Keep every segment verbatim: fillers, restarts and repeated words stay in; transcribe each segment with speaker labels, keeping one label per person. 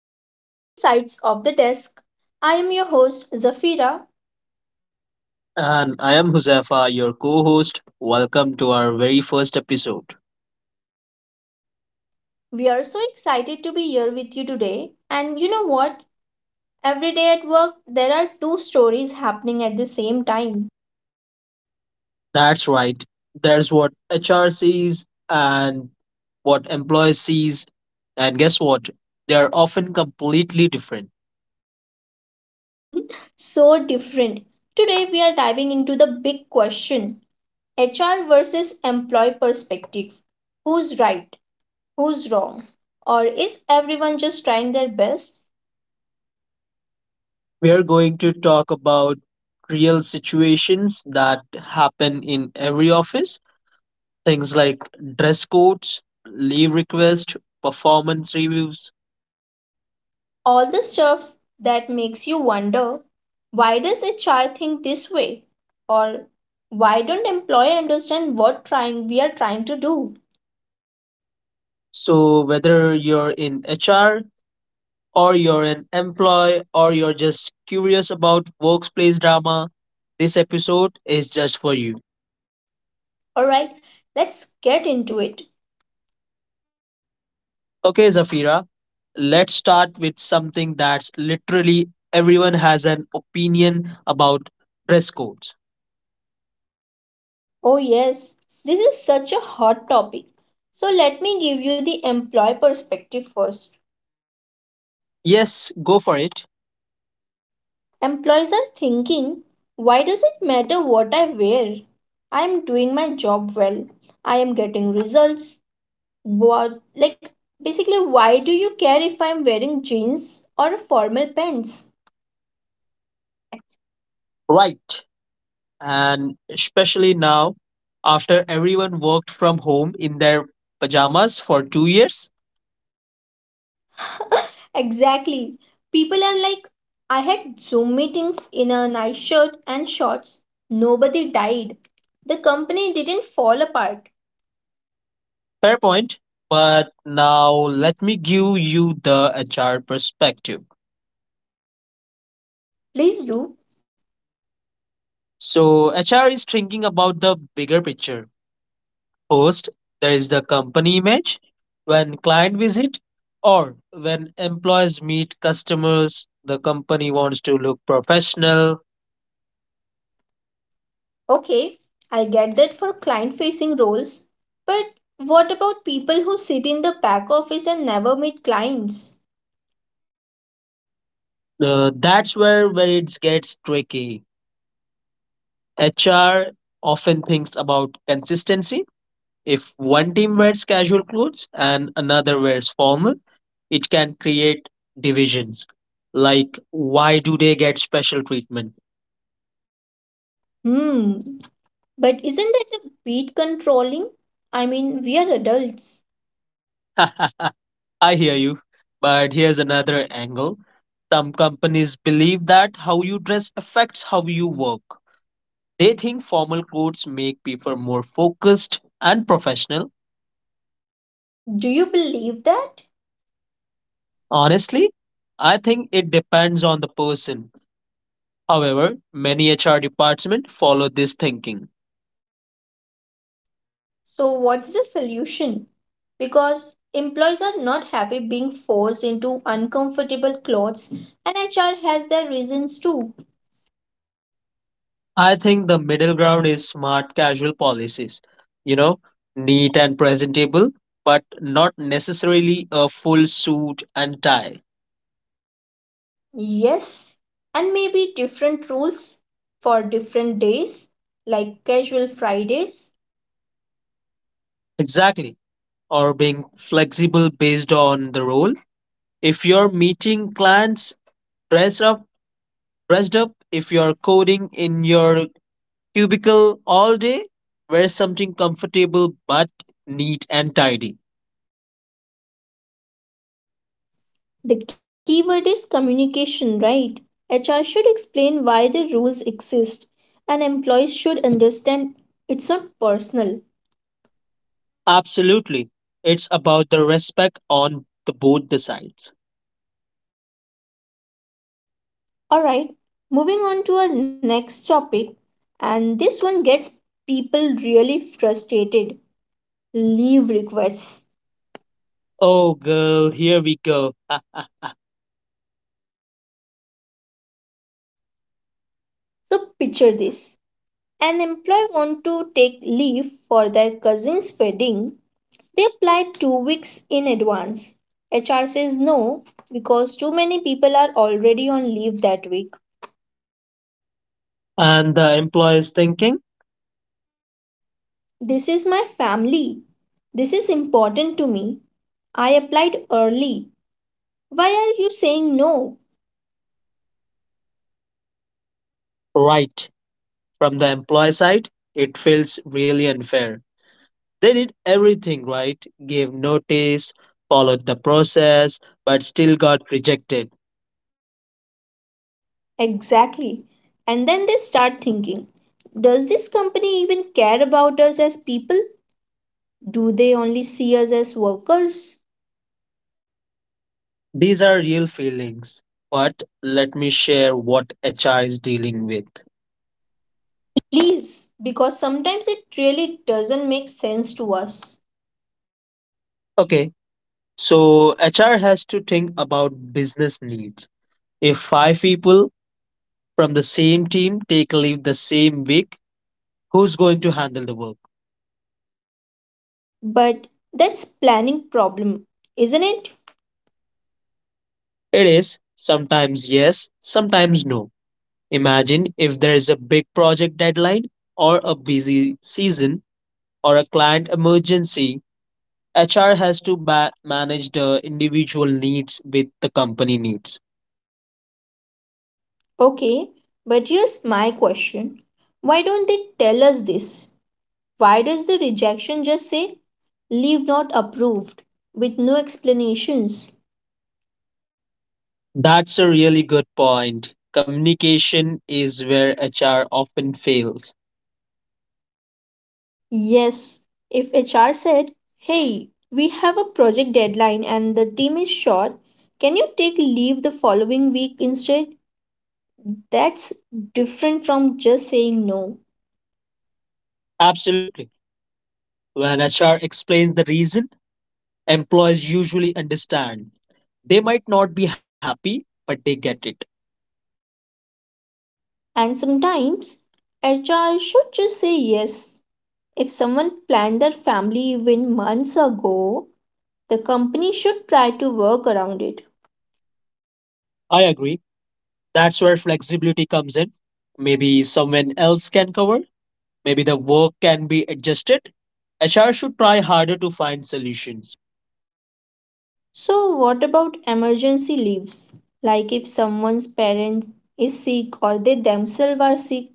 Speaker 1: to Two Sides of the Desk. I am your host Zafira.
Speaker 2: And I am Huzefa, your co host. Welcome to our very first episode.
Speaker 1: We are so excited to be here with you today. And you know what? Every day at work, there are two stories happening at the same time.
Speaker 2: That's right, there's what H R sees and what employer sees. And guess what? They are often completely different.
Speaker 1: So different. Today, we are diving into the big question: H R versus employee perspective. Who's right? Who's wrong? Or is everyone just trying their best?
Speaker 2: We are going to talk about real situations that happen in every office things like dress codes, leave requests, performance reviews.
Speaker 1: All the stuffs that makes you wonder why does a child think this way or why don't employee understand what trying we are trying to do
Speaker 2: So, whether you're in H R, or you're an employee, or you're just curious about workplace drama, this episode is just for you.
Speaker 1: All right, let's get into it.
Speaker 2: Okay, Zafira, let's start with something that's literally everyone has an opinion about dress codes.
Speaker 1: Oh yes, this is such a hot topic. So let me give you the employee perspective first.
Speaker 2: Yes, go for it.
Speaker 1: Employees are thinking, why does it matter what I wear? I am doing my job well. I am getting results. What, like, basically, why do you care if I'm wearing jeans or formal pants?
Speaker 2: Right. And especially now, after everyone worked from home in their pajamas for two years.
Speaker 1: Exactly. People are like, I had Zoom meetings in a nice shirt and shorts. Nobody died. The company didn't fall apart.
Speaker 2: Fair point. But now let me give you the H R perspective.
Speaker 1: Please do.
Speaker 2: So H R is thinking about the bigger picture. First, there is the company image when client visit or when employees meet customers. The company wants to look professional.
Speaker 1: Okay, I get that for client facing roles. But what about people who sit in the back office and never meet clients?
Speaker 2: Uh, that's where where it gets tricky. H R often thinks about consistency. If one team wears casual clothes and another wears formal, it can create divisions. Like, why do they get special treatment?
Speaker 1: Hmm, but isn't that a bit controlling? I mean, we are adults.
Speaker 2: I hear you, but here's another angle. Some companies believe that how you dress affects how you work. They think formal clothes make people more focused and professional.
Speaker 1: Do you believe that?
Speaker 2: Honestly, I think it depends on the person. However, many H R departments follow this thinking.
Speaker 1: So, what's the solution? Because employees are not happy being forced into uncomfortable clothes, and H R has their reasons too.
Speaker 2: I think the middle ground is smart casual policies. You know, neat and presentable, but not necessarily a full suit and tie.
Speaker 1: Yes, and maybe different rules for different days, like casual Fridays.
Speaker 2: Exactly. Or being flexible based on the role. If you're meeting clients dressed up, dressed up, if you're coding in your cubicle all day, wear something comfortable but neat and tidy.
Speaker 1: The keyword is communication, right? H R should explain why the rules exist and employees should understand it's not personal.
Speaker 2: Absolutely. It's about the respect on the both the sides.
Speaker 1: All right, moving on to our next topic, and this one gets people really frustrated: leave requests.
Speaker 2: Oh girl, here we go.
Speaker 1: So, picture this. An employee wants to take leave for their cousin's wedding. They applied two weeks in advance. H R says no because too many people are already on leave that week.
Speaker 2: And the employer is thinking,
Speaker 1: This is my family. This is important to me. I applied early. Why are you saying no?
Speaker 2: right, from the employee side, it feels really unfair. They did everything right, gave notice, followed the process, but still got rejected.
Speaker 1: Exactly. And then they start thinking, does this company even care about us as people? Do they only see us as workers?
Speaker 2: These are real feelings. But let me share what H R is dealing with.
Speaker 1: Please, because sometimes it really doesn't make sense to us.
Speaker 2: Okay, so H R has to think about business needs. If five people from the same team take leave the same week, who's going to handle the work?
Speaker 1: But that's planning problem, isn't it?
Speaker 2: It is sometimes yes, sometimes no. Imagine if there is a big project deadline or a busy season or a client emergency, H R has to ba- manage the individual needs with the company needs.
Speaker 1: Okay, but here's my question. Why don't they tell us this? Why does the rejection just say leave not approved with no explanations?
Speaker 2: That's a really good point. Communication is where H R often fails.
Speaker 1: Yes, if H R said, "Hey, we have a project deadline and the team is short, can you take leave the following week instead?" That's different from just saying no.
Speaker 2: Absolutely. When H R explains the reason, employees usually understand. They might not be happy, but they get it.
Speaker 1: And sometimes H R should just say yes. If someone planned their family event months ago, the company should try to work around it.
Speaker 2: I agree. That's where flexibility comes in. Maybe someone else can cover, maybe the work can be adjusted. H R should try harder to find solutions.
Speaker 1: So, what about emergency leaves? Like if someone's parent is sick or they themselves are sick?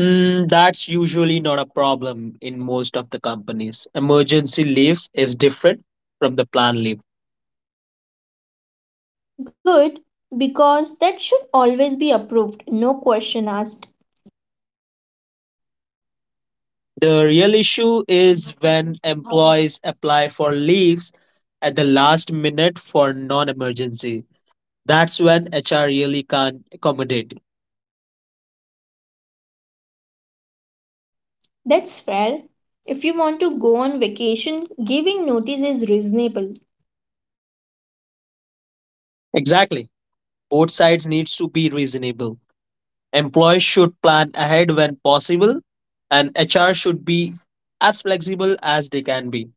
Speaker 2: Mm, that's usually not a problem in most of the companies. Emergency leaves is different from the plan leave.
Speaker 1: Good, because that should always be approved, no question asked.
Speaker 2: The real issue is when employees apply for leaves at the last minute for non emergency. That's when H R really can't accommodate.
Speaker 1: That's fair. If you want to go on vacation, giving notice is reasonable.
Speaker 2: Exactly. Both sides needs to be reasonable. Employees should plan ahead when possible, and H R should be as flexible as they can be.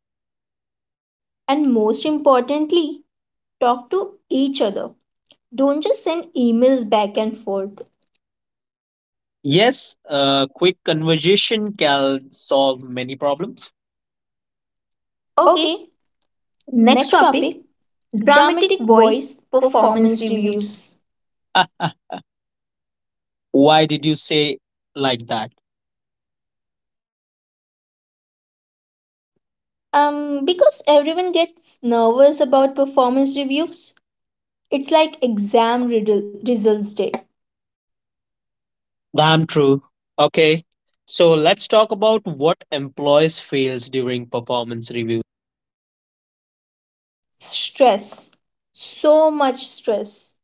Speaker 1: And most importantly, talk to each other. Don't just send emails back and forth.
Speaker 2: Yes, a quick conversation can solve many problems. Okay,
Speaker 1: Okay.
Speaker 2: next
Speaker 1: Next
Speaker 2: topic
Speaker 1: topic:
Speaker 2: dramatic
Speaker 1: dramatic
Speaker 2: voice
Speaker 1: voice,
Speaker 2: performance
Speaker 1: performance
Speaker 2: reviews.
Speaker 1: reviews.
Speaker 2: Why did you say like that?
Speaker 1: Um, because everyone gets nervous about performance reviews, it's like exam riddle, results day.
Speaker 2: Damn true. Okay. So let's talk about what employees fails during performance review.
Speaker 1: Stress. So much stress.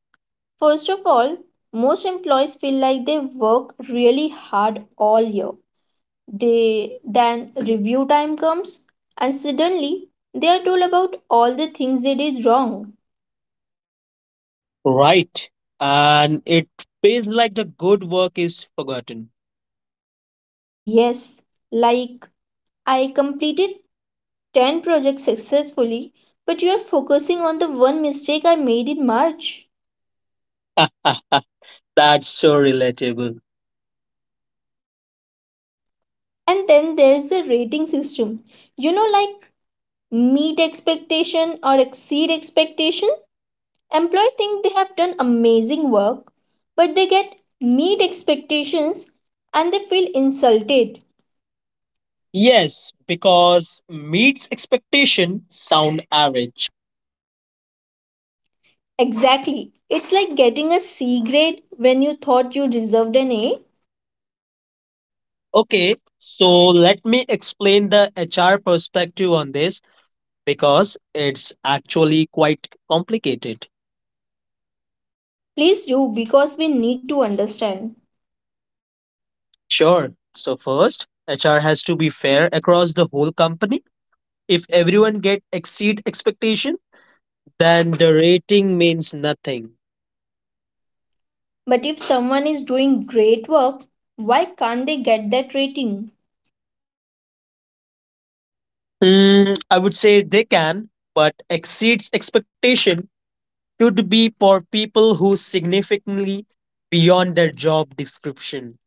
Speaker 1: First of all, most employees feel like they work really hard all year. They then review time comes and suddenly they are told about all the things they did wrong.
Speaker 2: Right. And it feels like the good work is forgotten.
Speaker 1: Yes, like I completed ten projects successfully, but you are focusing on the one mistake I made in March.
Speaker 2: That's so relatable.
Speaker 1: And then there's the rating system. You know, like meet expectation or exceed expectation. Employee think they have done amazing work, but they get meet expectations and they feel insulted.
Speaker 2: Yes, because meets expectation sound average.
Speaker 1: Exactly. It's like getting a C grade when you thought you deserved an A.
Speaker 2: Okay, so let me explain the H R perspective on this because it's actually quite complicated.
Speaker 1: Please do, because we need to understand.
Speaker 2: Sure. So first, H R has to be fair across the whole company. If everyone get exceed expectation, then the rating means nothing.
Speaker 1: But if someone is doing great work, why can't they get that rating?
Speaker 2: Hmm, I would say they can, but exceeds expectation should be for people who significantly beyond their job description.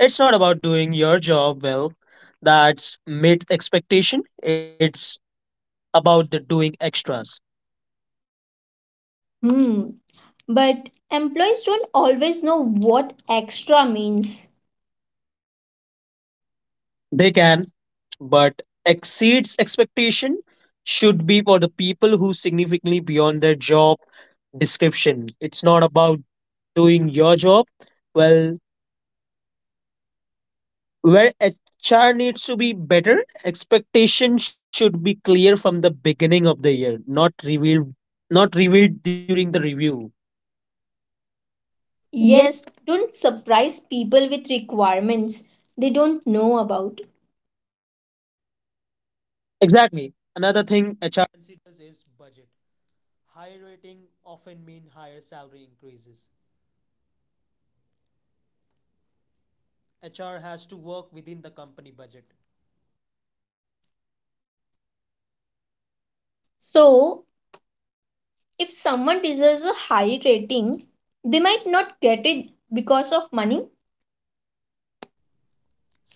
Speaker 2: It's not about doing your job well. That's meet expectation. It's about the doing extras.
Speaker 1: Hmm. But employees don't always know what extra means.
Speaker 2: They can, but exceeds expectation should be for the people who significantly beyond their job description. It's not about doing your job well. Where H R needs to be better, expectations should be clear from the beginning of the year, not revealed not revealed during the review. Yes,
Speaker 1: Yes, don't surprise people with requirements they don't know about.
Speaker 2: exactly. Another thing
Speaker 1: So, if someone deserves a high rating, they might not get it because of money.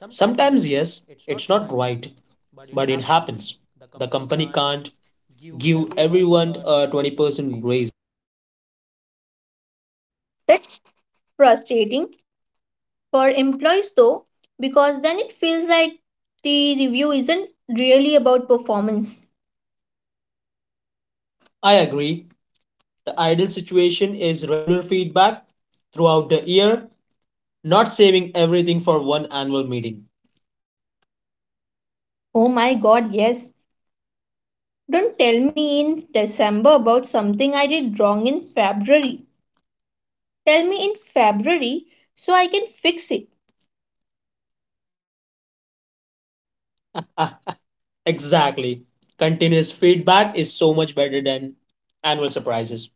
Speaker 1: Sometimes, yes, it's not right, but it happens. The company can't give everyone a twenty percent raise. That's frustrating for employees though, because then it feels like the review isn't really about performance. I agree. The ideal situation is regular feedback throughout the year, not saving everything for one annual meeting. Oh my god, yes. Don't tell me in December about something I did wrong in February. Tell me in February so I can fix it. Ah, exactly. Continuous feedback is so much better than annual surprises.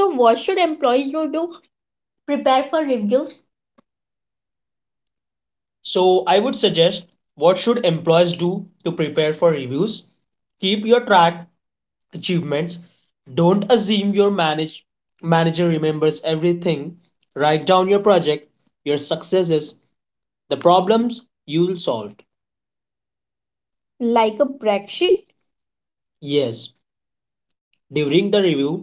Speaker 1: So, what should employees do to prepare for reviews? So I would suggest, what should employees do to prepare for reviews? Keep your track achievements. Don't assume your manage manager remembers everything. Write down your project, your successes, the problems you'll solve. Like a Brexit? Yes, during the review,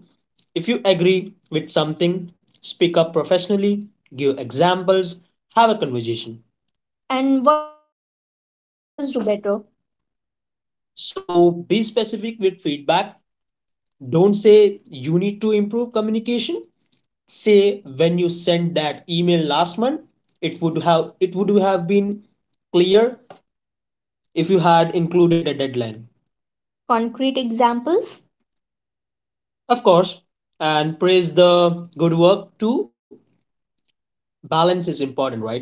Speaker 1: if you agree with something, speak up professionally, give examples, have a conversation. And what should H R and managers do better? So be specific with feedback. Don't say you need to improve communication. Say when you sent that email last month, it would have it would have been clear if you had included the deadline. Concrete examples? Of course, and praise the good work too. Balance is important, right?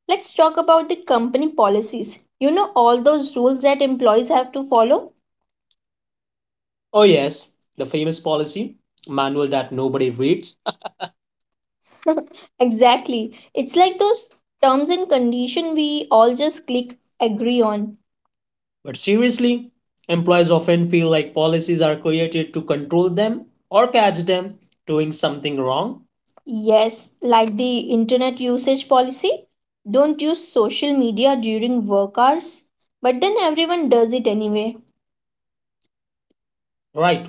Speaker 1: Let's talk about the company policies. You know all those rules that employees have to follow? Oh, yes, the famous policy manual that nobody reads. Exactly. It's like those terms and condition we all just click agree on. But seriously, employees often feel like policies are created to control them or catch them doing something wrong. Yes, like the internet usage policy. Don't use social media during work hours. But then everyone does it anyway. Right,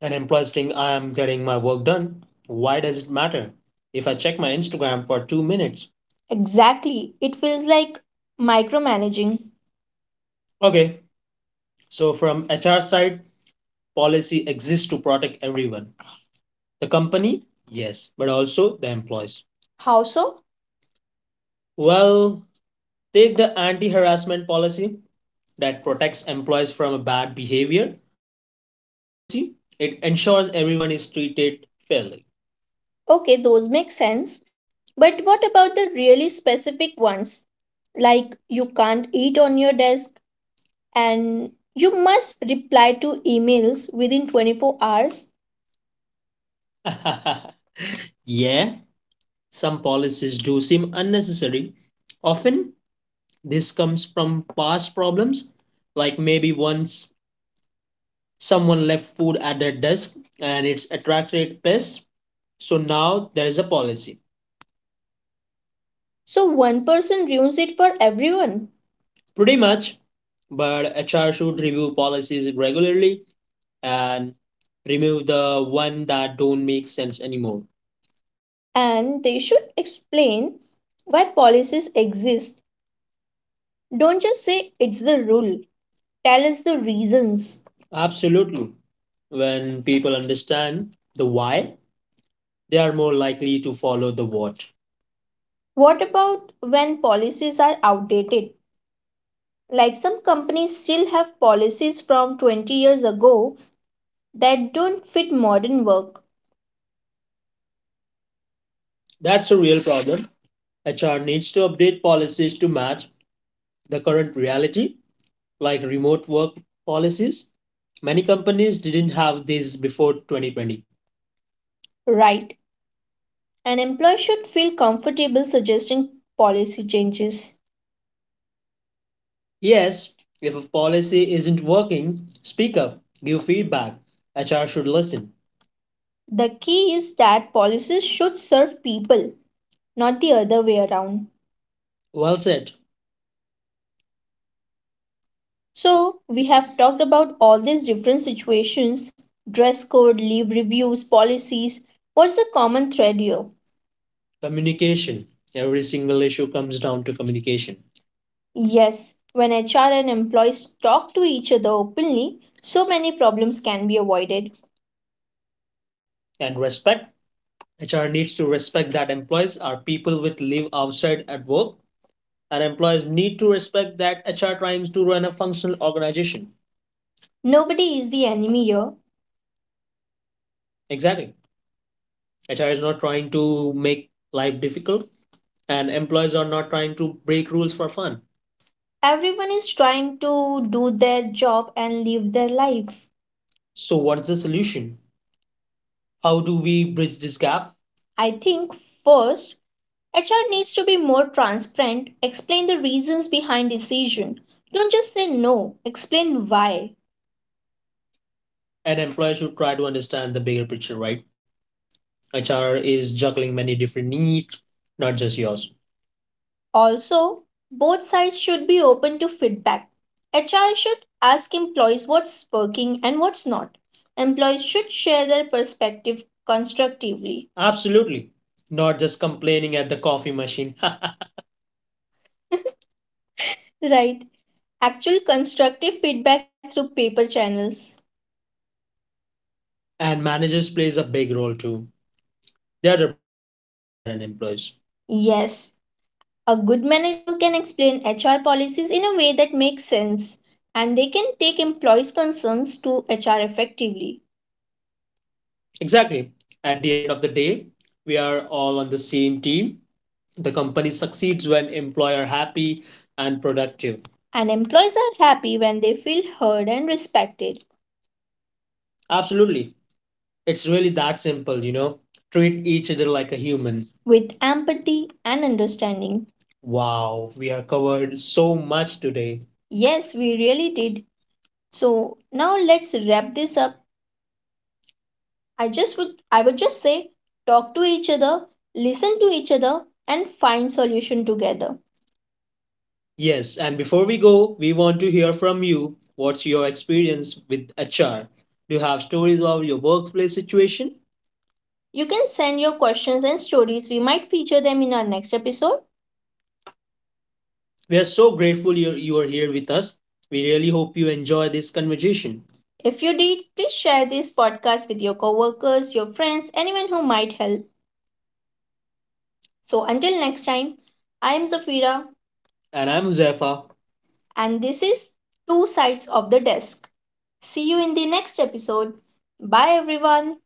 Speaker 1: and employees think I am getting my work done. Why does it matter if I check my Instagram for two minutes? Exactly. It feels like micromanaging. Okay, so from H R side, policy exists to protect everyone. The company, yes, but also the employees. How so? Well, take the anti harassment policy that protects employees from a bad behavior or the leave policy. It ensures everyone is treated fairly. Okay, those make sense. But what about the really specific ones? Like you can't eat on your desk and you must reply to emails within twenty-four hours. Yeah, some policies do seem unnecessary. Often, this comes from past problems, like maybe once someone left food at their desk and it's attracted pests, so now there is a policy. So one person ruins it for everyone. Pretty much, but H R should review policies regularly and remove the one that don't make sense anymore. And they should explain why policies exist. Don't just say it's the rule, tell us the reasons. Absolutely. When people understand the why, they are more likely to follow the what. What about when policies are outdated? Like some companies still have policies from twenty years ago that don't fit modern work. That's a real problem. H R needs to update policies to match the current reality, like remote work policies. Many companies didn't have these before twenty twenty. Right. An employee should feel comfortable suggesting policy changes. Yes, if a policy isn't working, speak up, give feedback. H R should listen. The key is that policies should serve people, not the other way around. Well said. So, we have talked about all these different situations: dress code, leave reviews, policies. What's the common thread here? Communication. Every single issue comes down to communication. Yes, when H R and employees talk to each other openly, so many problems can be avoided. And respect. H R needs to respect that employees are people with leave outside at work, and employees need to respect that H R trying to run a functional organization. Nobody is the enemy here. Exactly. H R is not trying to make life difficult, and employees are not trying to break rules for fun. Everyone is trying to do their job and live their life. So, what's the solution? How do we bridge this gap? I think first, H R needs to be more transparent, explain the reasons behind decision. Don't just say no, explain why. An employer should try to understand the bigger picture, right? H R is juggling many different needs, not just yours. Also, both sides should be open to feedback. H R should ask employees what's working and what's not. Employees should share their perspective constructively. Absolutely. Not just complaining at the coffee machine. Right. Actual constructive feedback through paper channels. And managers plays a big role too. They are the bridge between the H R and employees. Yes, a good manager can explain H R policies in a way that makes sense and they can take employees' concerns to H R effectively. Exactly. At the end of the day, we are all on the same team. The company succeeds when employees are happy and productive. And employees are happy when they feel heard and respected. Absolutely. It's really that simple, you know? Treat each other like a human, with empathy and understanding. Wow, we are covered so much today. Yes, we really did. So now let's wrap this up. I just would I would just say talk to each other, listen to each other and find solution together. Yes, and before we go, we want to hear from you. What's your experience with H R? Do you have stories of your workplace situation? You can send your questions and stories. We might feature them in our next episode. We are so grateful you, you are here with us. We really hope you enjoy this conversation. If you did, please share this podcast with your coworkers, your friends, anyone who might help. So until next time, I am Zafira. And I'm Huzaifa. And this is Two Sides of the Desk. See you in the next episode. Bye everyone.